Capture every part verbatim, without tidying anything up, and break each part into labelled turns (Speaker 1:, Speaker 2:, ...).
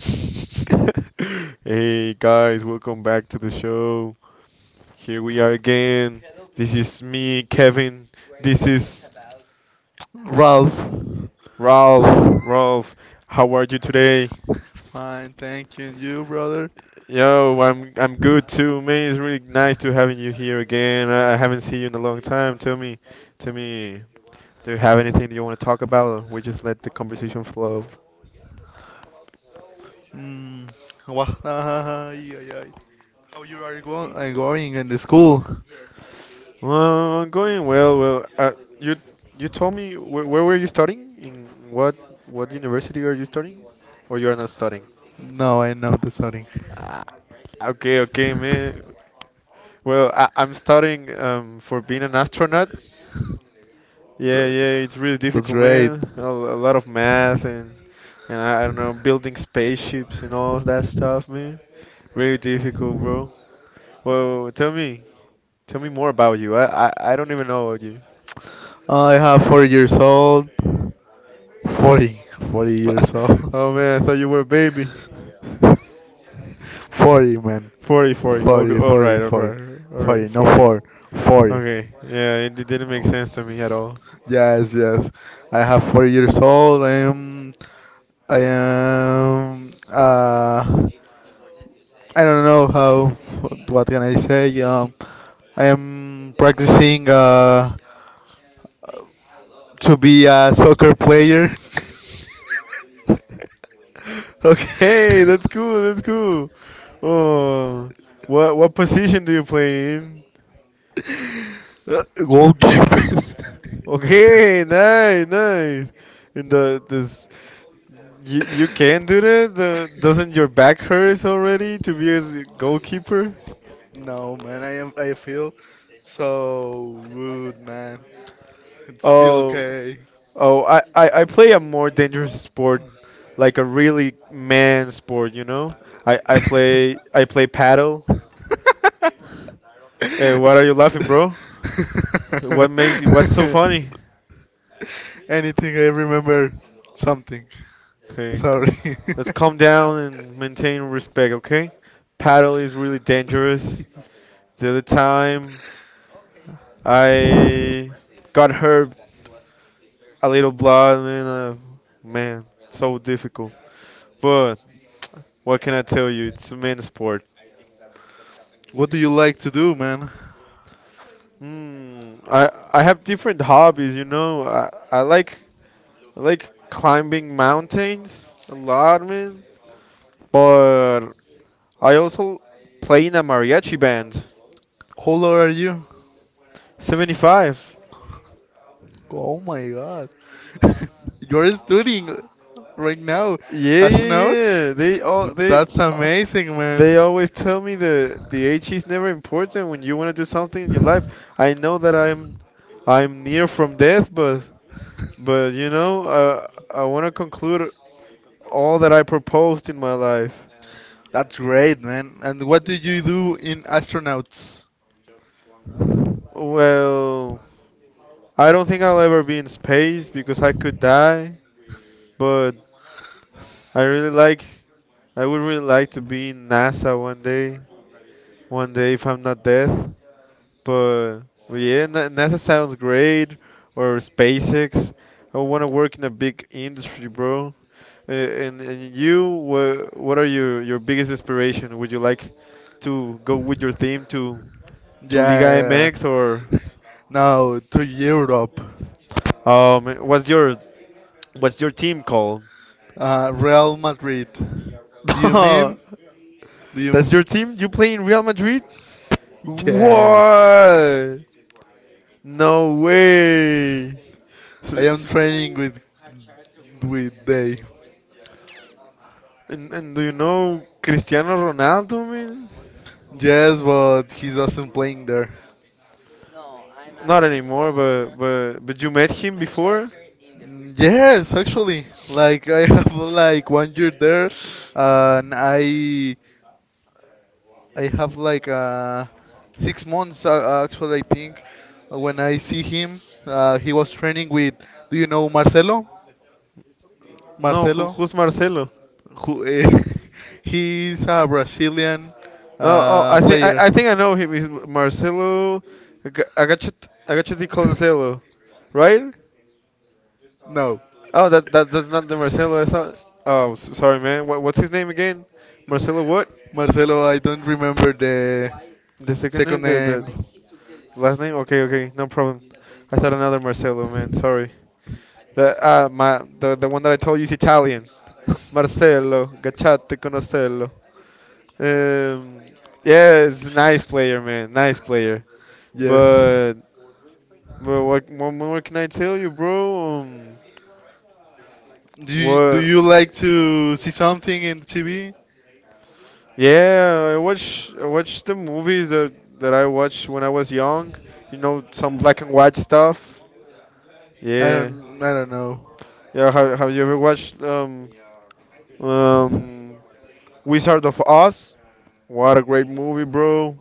Speaker 1: Hey guys, welcome back to the show. Here we are again. This is me, Kevin. This is
Speaker 2: Ralph.
Speaker 1: Ralph. Ralph, how are you today?
Speaker 2: Fine, thank you. And you, brother?
Speaker 1: Yo, I'm I'm good too, man. It's really nice to having you here again. I I haven't seen you in a long time. Tell me, tell me, do you have anything that you want to talk about, or we just let the conversation flow?
Speaker 2: Mm. Wah, ah, ay, ay, ay. How you are go uh, going in the school?
Speaker 1: Well, going well. Well, uh, you you told me where, where were you studying? In what what university are you studying? Or you are not studying?
Speaker 2: No, I know the sorry.
Speaker 1: Ah, okay, okay, man. Well, I, I'm studying um, for being an astronaut. Yeah,
Speaker 2: Th-
Speaker 1: yeah, it's really
Speaker 2: That's
Speaker 1: difficult,
Speaker 2: great.
Speaker 1: man. A, a lot of math and and I, I don't know, building spaceships and all of that stuff, man. Really difficult, bro. Well, tell me, tell me more about you. I I, I don't even know you.
Speaker 2: I have four years old. forty. forty years old.
Speaker 1: Oh man, I thought you were a baby.
Speaker 2: forty, man.
Speaker 1: Forty, forty. Okay,
Speaker 2: forty,
Speaker 1: all
Speaker 2: forty,
Speaker 1: right, all
Speaker 2: forty.
Speaker 1: right, all right,
Speaker 2: forty, no
Speaker 1: forty.
Speaker 2: four. forty.
Speaker 1: Okay, yeah, it, it didn't make sense to me at all.
Speaker 2: Yes, yes. I have four years old. I am. I am. Uh, I don't know how. What, can I say? Um, I am practicing uh, to be a soccer player.
Speaker 1: Okay, that's cool, that's cool. Oh, what what position do you play in?
Speaker 2: Uh, Goalkeeper.
Speaker 1: Okay, nice, nice. And the this you you can do that. The, doesn't your back hurt already to be a goalkeeper?
Speaker 2: No, man. I am. I feel so rude, man. It's feel
Speaker 1: Oh.
Speaker 2: okay.
Speaker 1: Oh, I, I, I play a more dangerous sport, like a really man sport, you know? I, I play I play paddle. Hey, what are you laughing, bro? What makes you, what's so funny?
Speaker 2: Anything I remember something.
Speaker 1: Okay,
Speaker 2: Sorry.
Speaker 1: let's calm down and maintain respect, okay? Paddle is really dangerous. The other time, I got hurt a little blood and uh, man, so difficult. But what can I tell you? It's a man sport.
Speaker 2: What do you like to do, man?
Speaker 1: Hmm. I I have different hobbies, you know. I I like I like climbing mountains a lot, man. But I also play in a mariachi band.
Speaker 2: How old are you?
Speaker 1: seventy-five.
Speaker 2: Oh my god. You're studying right now.
Speaker 1: Yeah, yeah,
Speaker 2: Astronaut?
Speaker 1: yeah. They all they
Speaker 2: That's amazing, man.
Speaker 1: they always tell me the the age is never important when you want to do something in your life. I know that I'm I'm near from death, but but you know, uh, I want to conclude all that I proposed in my life.
Speaker 2: That's great, man. And what do you do in astronauts?
Speaker 1: Well, I don't think I'll ever be in space because I could die, but I really like I would really like to be in NASA one day, one day if I'm not dead. But, but yeah, Na- NASA sounds great or SpaceX. I want to work in a big industry, bro. Uh, and, and you, what, what are your your biggest inspiration? Would you like to go with your team to to Liga
Speaker 2: Yeah.
Speaker 1: M X or
Speaker 2: Now to Europe.
Speaker 1: um what's your what's your team called?
Speaker 2: Uh, Real Madrid. Do you mean? Do you?
Speaker 1: That's
Speaker 2: m-
Speaker 1: your team? You play in Real Madrid?
Speaker 2: Yes.
Speaker 1: What? No way.
Speaker 2: I
Speaker 1: So,
Speaker 2: am
Speaker 1: s
Speaker 2: training with with they.
Speaker 1: and, and do you know Cristiano Ronaldo, man?
Speaker 2: Yes, but he doesn't playing there.
Speaker 1: Not anymore, but but but you met him before?
Speaker 2: Mm, yes, actually, like I have like one year there, and I I have like uh six months uh, actually I think when I see him, uh, he was training with, do you know Marcelo?
Speaker 1: No, who,
Speaker 2: Marcelo,
Speaker 1: who's Marcelo?
Speaker 2: who uh, he's a Brazilian
Speaker 1: Oh, oh,
Speaker 2: uh
Speaker 1: I think I,
Speaker 2: player.
Speaker 1: I think I know him. He's Marcelo Aga- Agachet Agacheti Coloncello, right?
Speaker 2: No.
Speaker 1: Oh, that, that that's not the Marcelo I thought. Oh, s- sorry, man. What, what's his name again? Marcelo what?
Speaker 2: Marcelo, I don't remember the
Speaker 1: The second
Speaker 2: second
Speaker 1: name? The the
Speaker 2: name.
Speaker 1: Last name? Okay, okay, no problem. I thought another Marcelo, man. Sorry. The uh, my the the one that I told you is Italian. Marcelo, Gacciate Conocello. Um, yeah, it's a nice player, man. Nice player.
Speaker 2: Yes.
Speaker 1: But but what what more can I tell you, bro? Um,
Speaker 2: Do you, do
Speaker 1: what?
Speaker 2: you like to see something in the T V?
Speaker 1: Yeah, I watch I watch the movies that that I watched when I was young. You know, some black and white stuff.
Speaker 2: I
Speaker 1: Yeah.
Speaker 2: don't I don't know.
Speaker 1: Yeah. Have Have you ever watched um um Wizard of Oz. What a great movie, bro.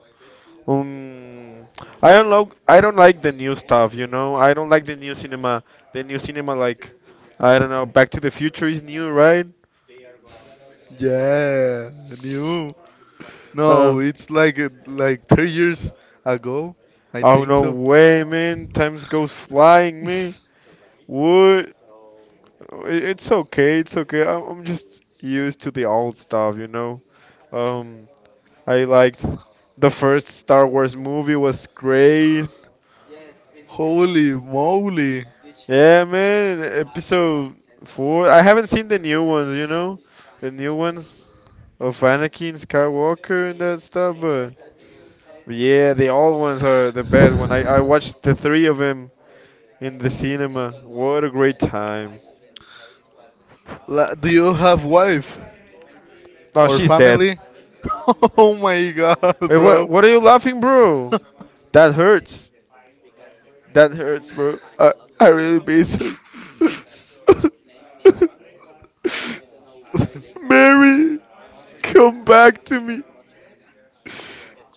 Speaker 1: Um, I don't like I don't like the new stuff. You know, I don't like the new cinema. The new cinema, like, I don't know. Back to the Future is new, right?
Speaker 2: Yeah, new. No, it's like uh, like three years ago. I
Speaker 1: Oh
Speaker 2: think
Speaker 1: no
Speaker 2: so.
Speaker 1: way, man! Times goes flying, man. What? It- It's okay. It's okay. I'm I'm just used to the old stuff. You know. Um, I liked the first Star Wars movie was great.
Speaker 2: Holy moly.
Speaker 1: Yeah, man, episode four. I haven't seen the new ones, you know, the new ones of Anakin Skywalker and that stuff, but, but yeah, the old ones are the best. When I I watched the three of them in the cinema, what a great time.
Speaker 2: La, do you have wife?
Speaker 1: Oh,
Speaker 2: Or
Speaker 1: she's dead.
Speaker 2: family? Oh my god,
Speaker 1: Wait,
Speaker 2: bro.
Speaker 1: what? What are you laughing, bro? That hurts. That hurts, bro. I I really miss her. Mary, come back to me,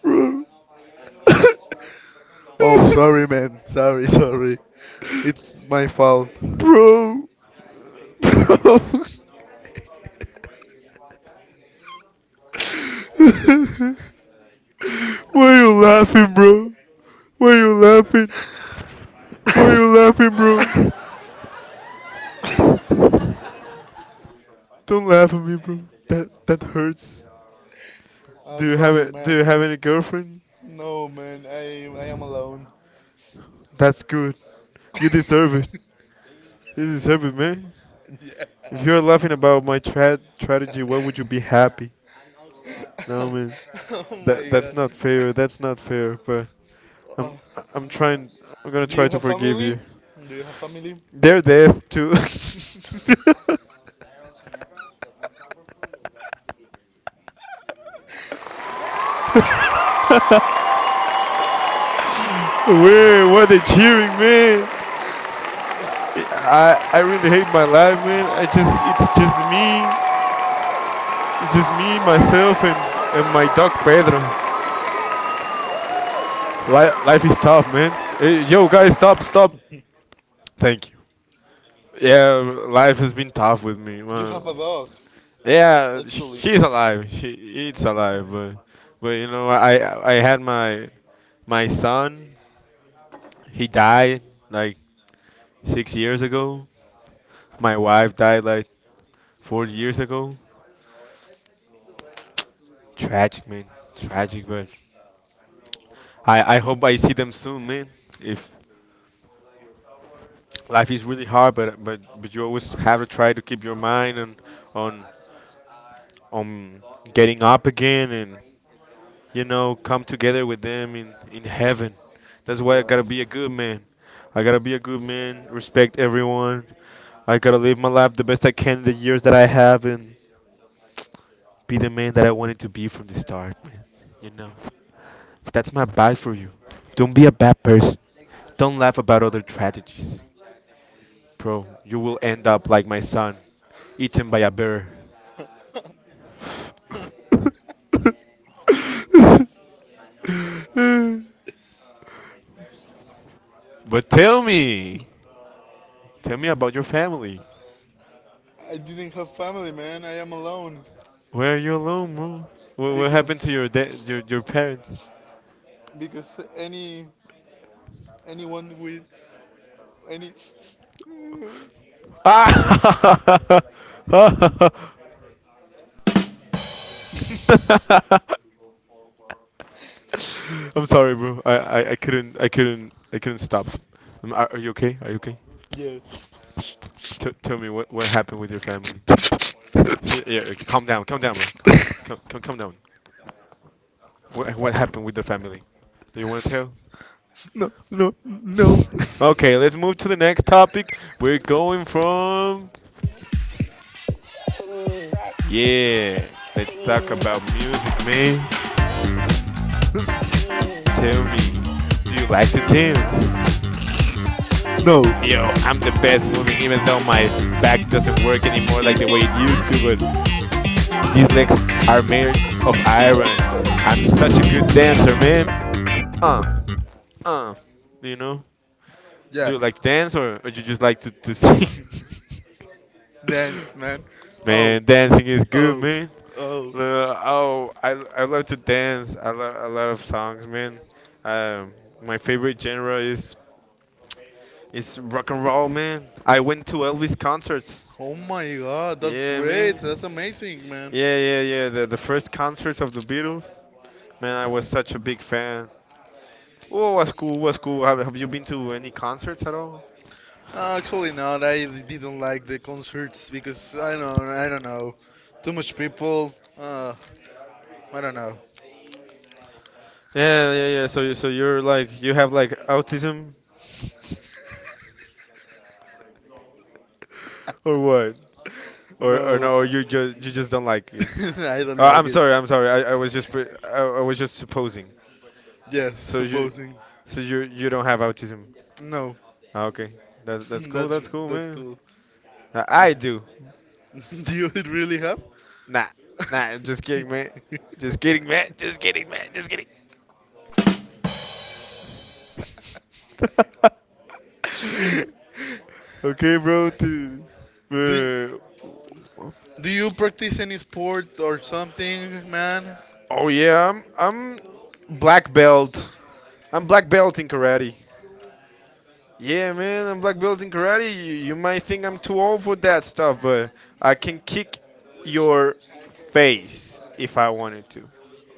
Speaker 1: bro.
Speaker 2: Oh, sorry, man. Sorry, sorry. It's my fault.
Speaker 1: Bro, bro. Why are you laughing, bro? Why are you laughing? Why are you laughing, bro? Don't laugh at me, bro. That that hurts.
Speaker 2: Uh,
Speaker 1: Do you have
Speaker 2: sorry,
Speaker 1: it?
Speaker 2: man.
Speaker 1: Do you have any girlfriend?
Speaker 2: No, man. I I am alone.
Speaker 1: That's good. You deserve it. You deserve it, man.
Speaker 2: Yeah.
Speaker 1: If you're laughing about my tra- strategy, why would you be happy? No, man.
Speaker 2: Oh my
Speaker 1: That that's
Speaker 2: god.
Speaker 1: not fair. That's not fair. But
Speaker 2: Uh,
Speaker 1: I'm I'm trying. I'm gonna
Speaker 2: do
Speaker 1: try
Speaker 2: you
Speaker 1: to
Speaker 2: have
Speaker 1: forgive
Speaker 2: family?
Speaker 1: you.
Speaker 2: Do you have family?
Speaker 1: They're deaf too. Wait! Were they cheering, man? I I really hate my life, man. I just it's just me, it's just me, myself, and and my dog Pedro. Li- life is tough, man. Hey, yo, guys, stop, stop. Thank you. Yeah, life has been tough with me,
Speaker 2: You
Speaker 1: man.
Speaker 2: have a dog,
Speaker 1: Yeah,
Speaker 2: actually.
Speaker 1: she's alive. She it's alive, but but you know, I I had my my son. He died like six years ago. My wife died like four years ago. Tragic, man. Tragic, but I, I hope I see them soon, man. If life is really hard, but but but you always have to try to keep your mind on on on getting up again and you know come together with them in in heaven. That's why I gotta be
Speaker 2: Yeah.
Speaker 1: a good man. I gotta be a good man. Respect everyone. I gotta live my life the best I can in the years that I have and be the man that I wanted to be from the start, man. You know. That's my advice for you. Don't be a bad person. Don't laugh about other tragedies. Bro, you will end up like my son, eaten by a bear. But tell me, tell me about your family.
Speaker 2: I didn't have family, man. I am alone
Speaker 1: Where are you alone, bro? What, what happened
Speaker 2: because
Speaker 1: to your da- your your parents?
Speaker 2: because any anyone with any
Speaker 1: Ah! I'm sorry, bro. I, I, I couldn't I couldn't I couldn't stop. Um, Are, are you okay? Are you okay?
Speaker 2: yeah
Speaker 1: T- tell me what what happened with your family. Yeah, yeah, okay, calm down, calm down, bro. Come, come, come down. What, what happened with the family? Do you want to
Speaker 2: no no
Speaker 1: tell?
Speaker 2: no
Speaker 1: Okay, let's move to the next topic. We're going from. Yeah, let's talk about music, man.
Speaker 2: no.
Speaker 1: Tell me, do you like to dance?
Speaker 2: No.
Speaker 1: Yo, I'm the best moving, even though my s- back doesn't work anymore like the way it used to, but these legs are made of iron. I'm such a good dancer, man. Uh, uh, you know?
Speaker 2: Yeah.
Speaker 1: Do you like to dance or, or you just like to, to sing?
Speaker 2: Dance, man. Oh,
Speaker 1: Man, dancing is good,
Speaker 2: oh,
Speaker 1: man.
Speaker 2: oh.
Speaker 1: Lo- Oh, I, I love to dance. I love a lot of songs, man. Um, my favorite genre is is rock and roll, man. I went to Elvis concerts.
Speaker 2: Oh my god, that's
Speaker 1: Yeah,
Speaker 2: great.
Speaker 1: man.
Speaker 2: That's amazing, man.
Speaker 1: Yeah, yeah, yeah. The the first concerts of the Beatles. Man, I was such a big fan. Oh, what's cool? What's cool? Have, have you been to any concerts at all?
Speaker 2: No, actually not. I didn't like the concerts because I don't I don't know. Too much people. Uh, I don't know.
Speaker 1: Yeah, yeah, yeah. So you so you're like you have like autism or what? Or, or
Speaker 2: No.
Speaker 1: no, you just you just don't like it.
Speaker 2: I don't
Speaker 1: Uh, I'm
Speaker 2: like it.
Speaker 1: sorry, I'm sorry. I, I was just pre- I, I was just supposing.
Speaker 2: Yes,
Speaker 1: So you
Speaker 2: supposing.
Speaker 1: so you you don't have autism.
Speaker 2: No.
Speaker 1: Ah, okay, that's that's cool.
Speaker 2: That's
Speaker 1: That's cool,
Speaker 2: that's
Speaker 1: man.
Speaker 2: cool.
Speaker 1: I, I do.
Speaker 2: Do you really have?
Speaker 1: Nah, nah. Just kidding, man. Just kidding, man. Just kidding, man. Just kidding. Okay, bro. th-
Speaker 2: Do,
Speaker 1: uh,
Speaker 2: do you practice any sport or something, man?
Speaker 1: oh yeah, I'm I'm black belt. I'm black belt in karate. Yeah, man, I'm black belt in karate. You, you might think I'm too old for that stuff, but I can kick your face if I wanted to.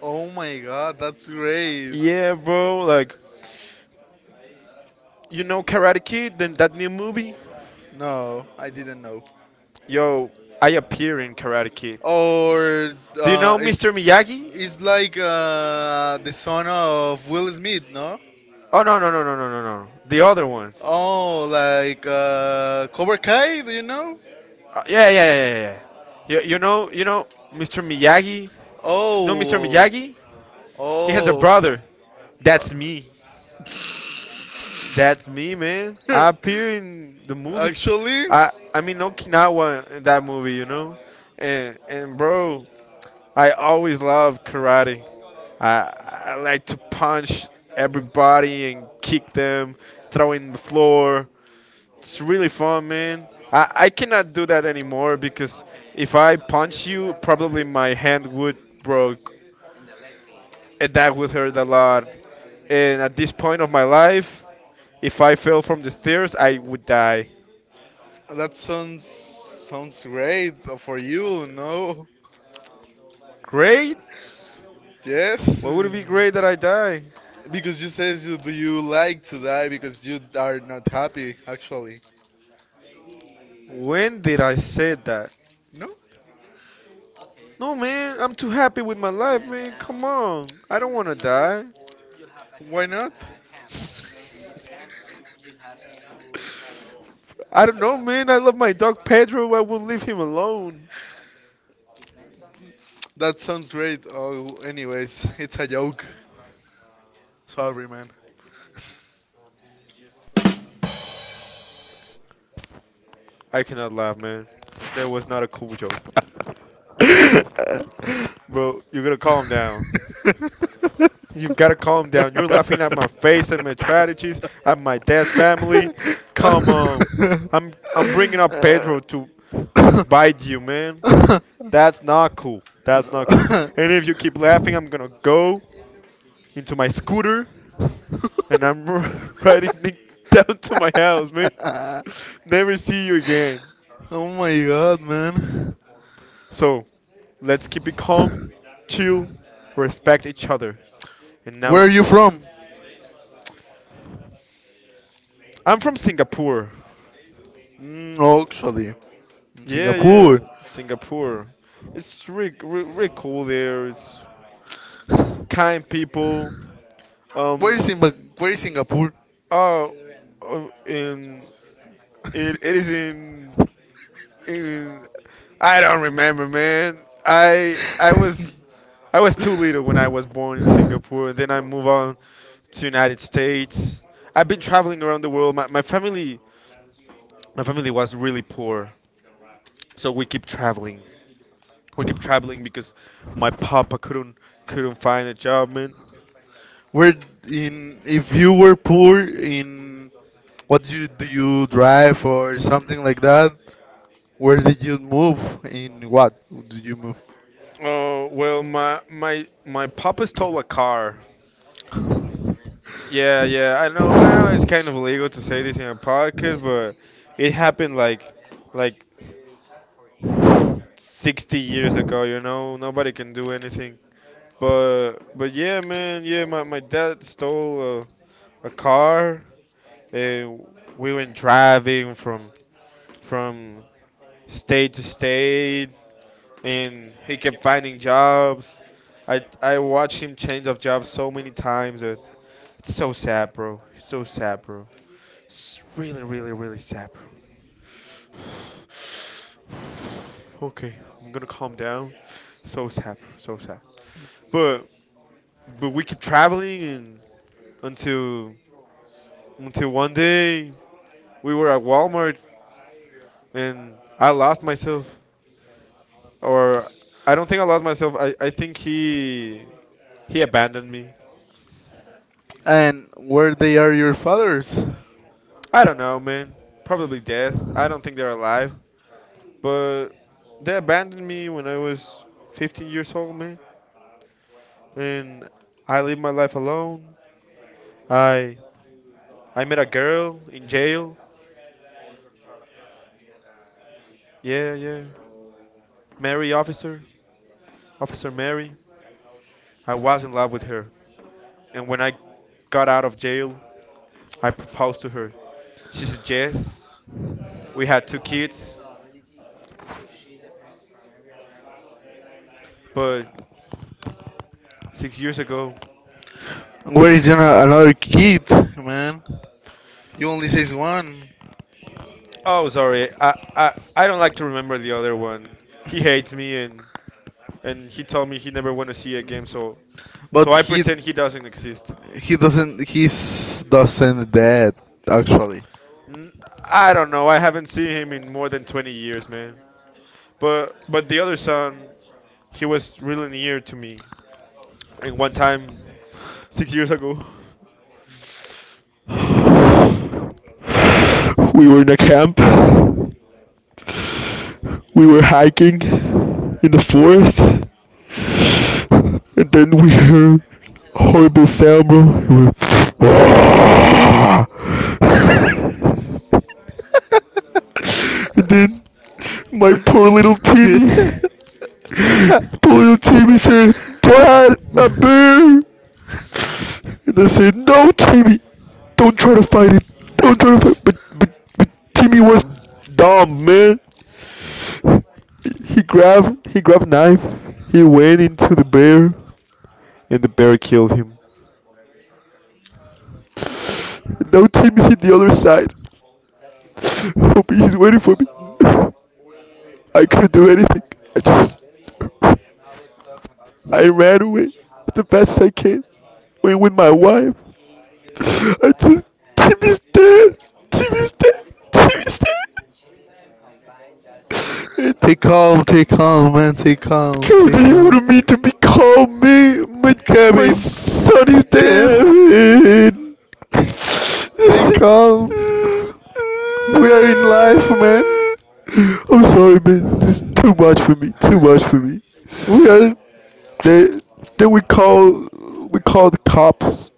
Speaker 2: Oh my god, that's great.
Speaker 1: Yeah, bro, like, you know Karate Kid, then that new movie?
Speaker 2: No, I didn't know.
Speaker 1: Yo, I appear in Karate Kid.
Speaker 2: Or
Speaker 1: You
Speaker 2: uh,
Speaker 1: know
Speaker 2: it's
Speaker 1: mister Miyagi?
Speaker 2: it's like uh, the son of Will Smith, no?
Speaker 1: Oh, no, no, no, no, no, no, no. The other one.
Speaker 2: Oh, like uh, Cobra Kai, do you know?
Speaker 1: Uh, yeah, yeah, yeah, yeah, yeah. You, you know, you know mister Miyagi? mister
Speaker 2: Oh,
Speaker 1: Miyagi? As a
Speaker 2: oh.
Speaker 1: brother. That's me. That's me, man.
Speaker 2: Uh,
Speaker 1: I appear in the movie.
Speaker 2: actually,
Speaker 1: I I'm in Okinawa in that movie, you know, and and bro, I always love karate. I I like to punch everybody and kick them, throw in the floor. It's really fun, man. I I cannot do that anymore because if I punch you, probably my hand would broke, and that would hurt a lot. And at this point of my life, if I fell from the stairs, I would die.
Speaker 2: that sounds sounds great for you. No,
Speaker 1: Great?
Speaker 2: yes,
Speaker 1: What would it be great that I die?
Speaker 2: because you says you do you like to die because you are not happy. Actually,
Speaker 1: When did I say that?
Speaker 2: no,
Speaker 1: No, man, I'm too happy with my life, man. Come on. I don't want to die.
Speaker 2: why not?
Speaker 1: I don't know, man. I love my dog Pedro. I won't leave him alone.
Speaker 2: That sounds great. Oh, anyways, it's a joke. Sorry, man.
Speaker 1: I cannot laugh, man. That was not a cool joke. Bro, you gotta calm down. You gotta calm down. You're laughing at my face and my tragedies, at my dead family. Come on. I'm I'm bringing up Pedro to to bite you, man. That's not cool. That's not cool. And if you keep laughing, I'm gonna go into my scooter and I'm riding Nick down to my house, man. Never see you again.
Speaker 2: Oh my god, man.
Speaker 1: So let's keep it calm, chill, respect each other. And now
Speaker 2: Where are you from?
Speaker 1: I'm from Singapore.
Speaker 2: Mm, actually, in
Speaker 1: Yeah, yeah,
Speaker 2: Singapore.
Speaker 1: Singapore. It's really, really, really cool there. It's kind people.
Speaker 2: Where
Speaker 1: Um,
Speaker 2: is Simba- Where is Singapore?
Speaker 1: oh, uh, in it, it is in in. I don't remember, man. I I was I was too little when I was born in Singapore, and then I moved on to United States. I've been traveling around the world. My, my family my family was really poor, so we keep traveling. We keep traveling because my papa couldn't couldn't find a job, man.
Speaker 2: Where in if you were poor in what do you do you drive or something like that? Where did you move? In what did you move?
Speaker 1: Oh well, my my my papa stole a car. Yeah, yeah. I know. I know it's kind of illegal to say this in a podcast, but it happened like like sixty years ago. You know, nobody can do anything. But but yeah, man. Yeah, my my dad stole a, a car. Uh, we went driving from from state to state, and he kept finding jobs. I I watched him change of jobs so many times. That it's so sad, bro. It's so sad, bro. It's really, really, really sad, bro. Okay, I'm gonna calm down. So sad, bro. So sad. But but we kept traveling and until until one day we were at Walmart and I lost myself. or I don't think I lost myself. I, I think he he abandoned me.
Speaker 2: And where they are your fathers?
Speaker 1: I don't know, man. Probably death. I don't think they're alive, but they abandoned me when I was fifteen years old, man. And I lived my life alone. I I met a girl in jail. Yeah, yeah. Mary officer, officer Mary. I was in love with her. And when I got out of jail, I proposed to her. She said yes. We had two kids, but six years ago.
Speaker 2: Where is your, another kid, man? You only says one,
Speaker 1: Oh, sorry. I, I I don't like to remember the other one. He hates me and and he told me he never want to see a game, so so
Speaker 2: but
Speaker 1: I
Speaker 2: he
Speaker 1: pretend he doesn't exist.
Speaker 2: he doesn't he's doesn't dead actually.
Speaker 1: N- I don't know. I haven't seen him in more than twenty years, man. But but the other son, he was really near to me. And one time, six years ago, we were in a camp. We were hiking in the forest, and then we heard a horrible sound, bro. We were, and then my poor little Timmy, poor little Timmy said, "Dad, a bear!" And I said, no, Timmy, don't try to fight it. Don't try to fight. But, but, but Timmy was dumb, man. He grabbed, he grabbed a knife. He went into the bear, and the bear killed him. Now Timmy's hit the other side. Hoping he's waiting for me. I couldn't do anything. I just, I ran away the best I can. Away with my wife. I just Tim is dead. Tim is dead. Tim is dead. And
Speaker 2: Take calm, take calm, man, take calm,
Speaker 1: God,
Speaker 2: take
Speaker 1: he
Speaker 2: calm.
Speaker 1: wanted me to become me. My my
Speaker 2: Kevin,
Speaker 1: son is dead.
Speaker 2: Kevin, take calm. We are in life, man.
Speaker 1: I'm sorry, man. This is too much for me. Too much for me.
Speaker 2: We are.
Speaker 1: They then we call we call the cops.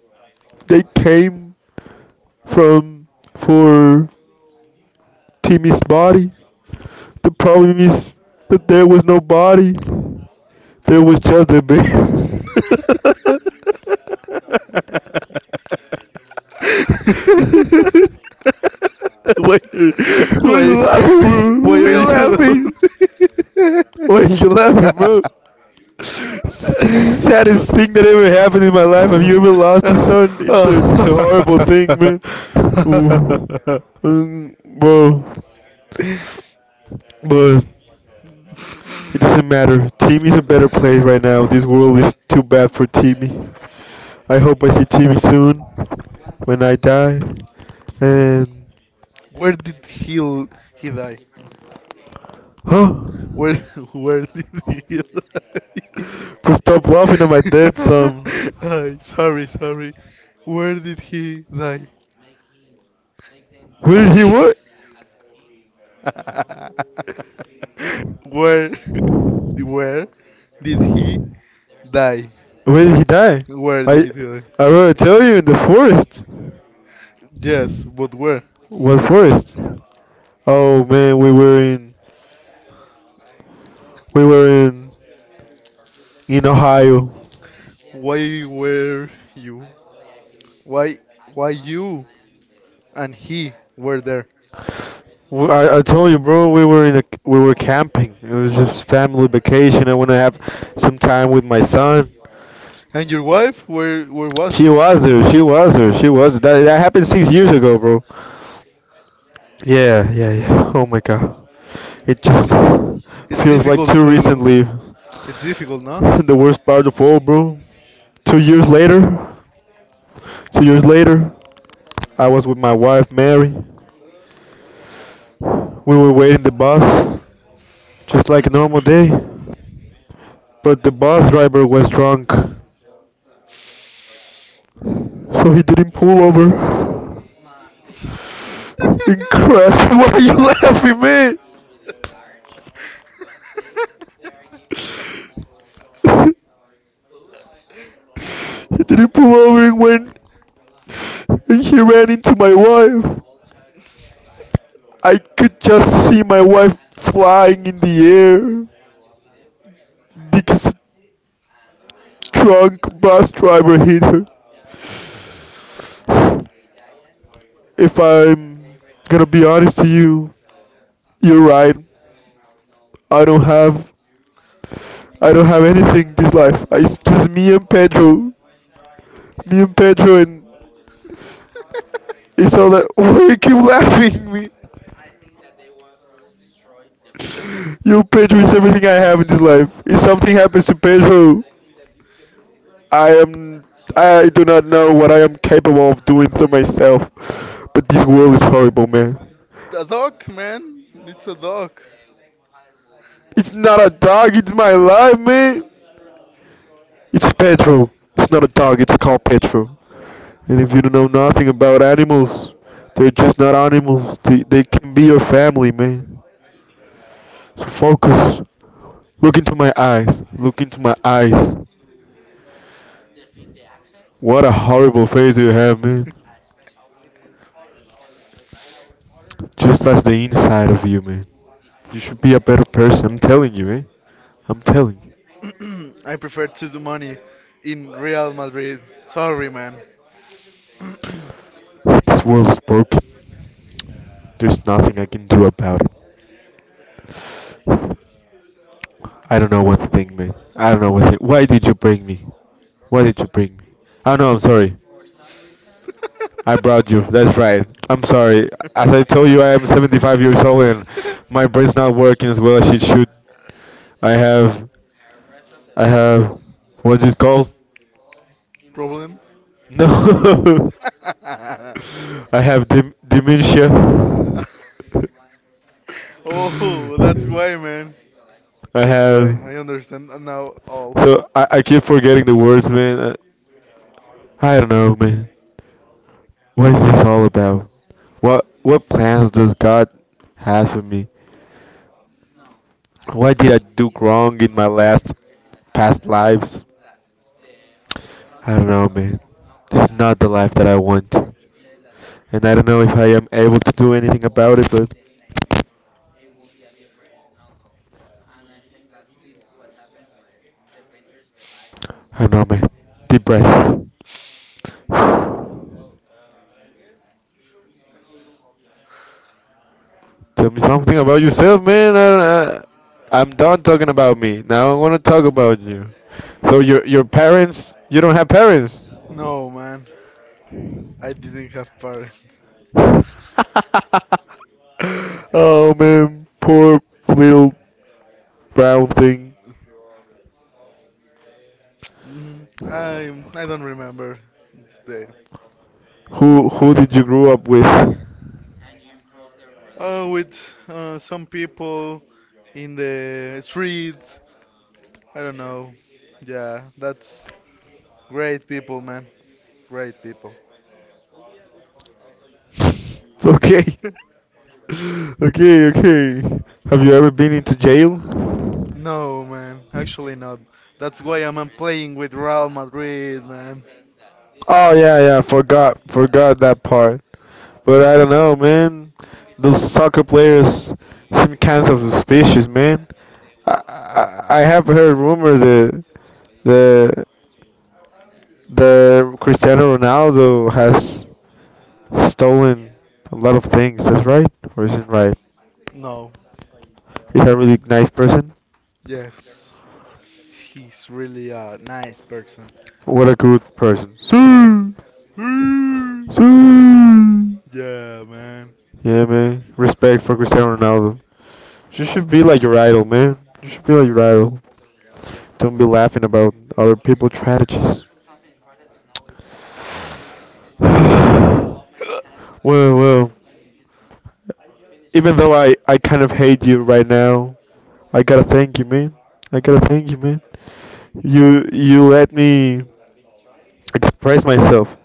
Speaker 1: They came from for Timmy's body. The problem is that there was no body. There was just a bear.
Speaker 2: why,
Speaker 1: Why
Speaker 2: are-
Speaker 1: you laughing,
Speaker 2: why,
Speaker 1: bro?
Speaker 2: why
Speaker 1: We're
Speaker 2: are
Speaker 1: laughing. Why are you laughing, bro? This is the
Speaker 2: you?
Speaker 1: saddest thing that ever happened in my life. Have you ever lost a son? It- It's a horrible thing, man. Ooh. Um, bro, but it doesn't matter. Team a better place right now. This world is too bad for Timmy. I hope I see Timmy soon. When I die, and
Speaker 2: Where did he l- he die?
Speaker 1: huh?
Speaker 2: Where where did he die?
Speaker 1: But stop laughing at my dad. Son.
Speaker 2: Ay, sorry, sorry. Where did he die?
Speaker 1: Where did he what?
Speaker 2: where where did he die?
Speaker 1: Where did he die?
Speaker 2: Where did
Speaker 1: I
Speaker 2: he die?
Speaker 1: I already tell you in the forest.
Speaker 2: Yes, but where?
Speaker 1: What forest? Oh man, we were in we were in in Ohio.
Speaker 2: Why were you? Why why you and he were there?
Speaker 1: W- I, I told you, bro, we were in a we were camping. It was just family vacation. I want to have some time with my son.
Speaker 2: And your wife where where was?
Speaker 1: She was there. She was there. She was there. That, that happened six years ago, bro. Yeah, yeah, yeah. Oh my god. It just
Speaker 2: It, it's
Speaker 1: feels like
Speaker 2: difficult
Speaker 1: too
Speaker 2: to
Speaker 1: recently.
Speaker 2: it's difficult, no?
Speaker 1: The worst part of all, bro. Two years later, two years later, I was with my wife Mary. We were waiting the bus, just like a normal day. But the bus driver was drunk, so he didn't pull over. And crashed. Why are you laughing, man? he didn't pull over and went He ran into my wife. I could just see my wife flying in the air because a drunk bus driver hit her. If I'm gonna be honest to you, you're right. I don't have I don't have anything this life. It's just me and Pedro. Me and Pedro and it's all that. Why you keep laughing at me? You, Pedro is everything I have in this life. If something happens to Pedro, I am. I do not know what I am capable of doing to myself. But this world is horrible, man.
Speaker 2: A dog, man. It's a dog.
Speaker 1: It's not a dog, it's my life, man. It's Pedro. It's not a dog, it's called Pedro. And if you don't know nothing about animals, they're just not animals. They, they can be your family, man. So focus. Look into my eyes. Look into my eyes. What a horrible face you have, man. Just as the inside of you, man. You should be a better person. I'm telling you, eh? I'm telling you.
Speaker 2: I prefer to do money in Real Madrid. Sorry, man.
Speaker 1: This world is broken. There's nothing I can do about it. I don't know one thing, man. I don't know what. Thing. Why did you bring me? Why did you bring me? Oh no, I'm sorry. I brought you. That's right. I'm sorry. As I told you, I am seventy-five years old and my brain's not working as well as it should. I have, I have, what's it called?
Speaker 2: Problems?
Speaker 1: No, I have dim- dementia.
Speaker 2: Oh, that's
Speaker 1: I
Speaker 2: why, man. That's why.
Speaker 1: have.
Speaker 2: I understand now all.
Speaker 1: So I, I keep forgetting the words, man. Uh, I don't know, man. What is this all about? What what plans does God have for me? What did I do wrong in my last past lives? I don't know, man. This is not the life that I want, and I don't know if I am able to do anything about it. But I don't know, man. Deep breath. Tell me something about yourself, man. I don't, I, I'm done talking about me. Now I want to talk about you. So your your parents, you don't have parents.
Speaker 2: No, man. I didn't have parents.
Speaker 1: Oh man, poor little brown thing.
Speaker 2: Mm, I I don't remember the.
Speaker 1: Who who did you grow up with?
Speaker 2: Oh, with uh, some people in the street. I don't know. Yeah, that's great people, man. Great people.
Speaker 1: Okay. Okay, okay. Have you ever been into jail?
Speaker 2: No, man. Actually, not. That's why I'm uh, playing with Real Madrid, man.
Speaker 1: Oh yeah, yeah. Forgot, forgot that part. But I don't know, man. Those soccer players seem kind of suspicious, man. I, I, I have heard rumors that the the Cristiano Ronaldo has stolen a lot of things. That's right, or is it right?
Speaker 2: No.
Speaker 1: He's a really nice person.
Speaker 2: Yes, he's really a nice person.
Speaker 1: What a good person. Sir,
Speaker 2: Hmm.
Speaker 1: sir.
Speaker 2: Yeah, man.
Speaker 1: Yeah, man. Respect for Cristiano Ronaldo. You should be like your idol, man. You should be like your idol. Don't be laughing about other people's strategies. Well, well. Even though I, I kind of hate you right now, I gotta thank you, man. I gotta thank you, man. You you let me express myself,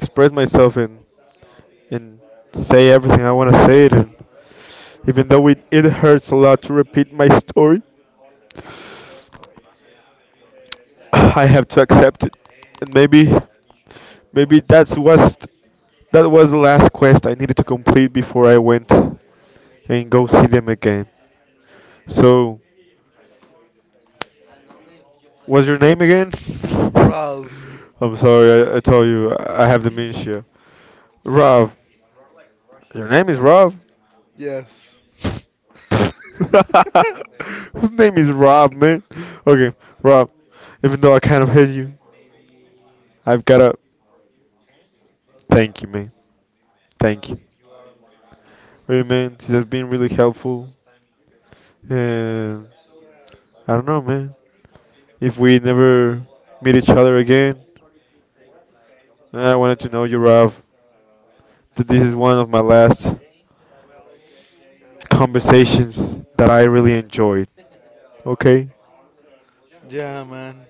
Speaker 1: express myself, and and say everything I wanna say it. And even though it, it hurts a lot to repeat my story, I have to accept it. And maybe maybe that's was that was the last quest I needed to complete before I went and go see them again. So what's your name again?
Speaker 2: Ralph.
Speaker 1: I'm sorry, I, I told you I have dementia. Rob, your name is Rob.
Speaker 2: Yes.
Speaker 1: Whose name is Rob, man? Okay, Rob. Even though I kind of hate you, I've gotta thank you, man. Thank you. Hey man, this has been really helpful, and I don't know, man. If we never meet each other again, I wanted to know you, Rob, that this is one of my last conversations that I really enjoyed. Okay,
Speaker 2: Yeah, man.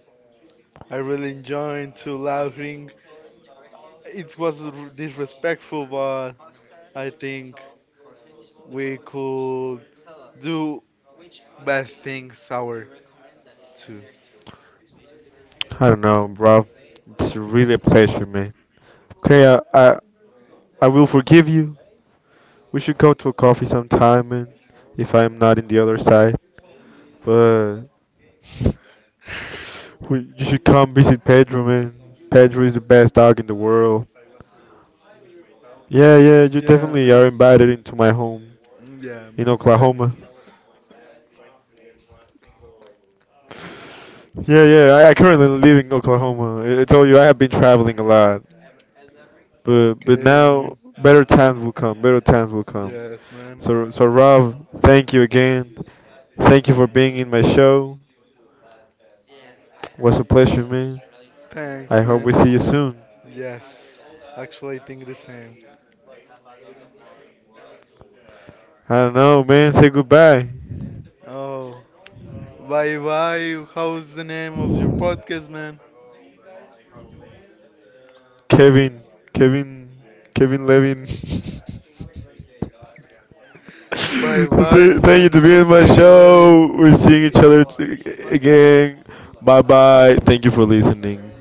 Speaker 2: I really enjoyed to laughing. It was r- disrespectful, but I think we could do best things our two.
Speaker 1: I don't know, Rob. It's really a pleasure, man. Okay, I I, I will forgive you. We should go to a coffee sometime, man. If I am not in the other side, but we, you should come visit Pedro, man. Pedro is the best dog in the world. Yeah, yeah, you
Speaker 2: Yeah,
Speaker 1: definitely
Speaker 2: man.
Speaker 1: are invited into my home
Speaker 2: Yeah,
Speaker 1: in
Speaker 2: man. Thanks.
Speaker 1: Oklahoma. Yeah, yeah, I, I currently live in Oklahoma. I, I told you I have been traveling a lot, but but
Speaker 2: Okay, man.
Speaker 1: now better times will come. Better times will come.
Speaker 2: Yes, man.
Speaker 1: So so Rob, thank you again. Thank you for being in my show. Was a pleasure, man.
Speaker 2: Thanks,
Speaker 1: I hope
Speaker 2: man.
Speaker 1: we see you soon.
Speaker 2: Yes. Actually, I think the same.
Speaker 1: I don't know, man. Say goodbye,
Speaker 2: Oh, bye bye. How's the name of your podcast, man?
Speaker 1: Kevin. Kevin. Kevin Levin.
Speaker 2: Bye bye,
Speaker 1: Th- Thank you to
Speaker 2: fans of
Speaker 1: being on my
Speaker 2: Kevin Levin.
Speaker 1: show. We're seeing each other t- again. Bye bye. Thank you for listening.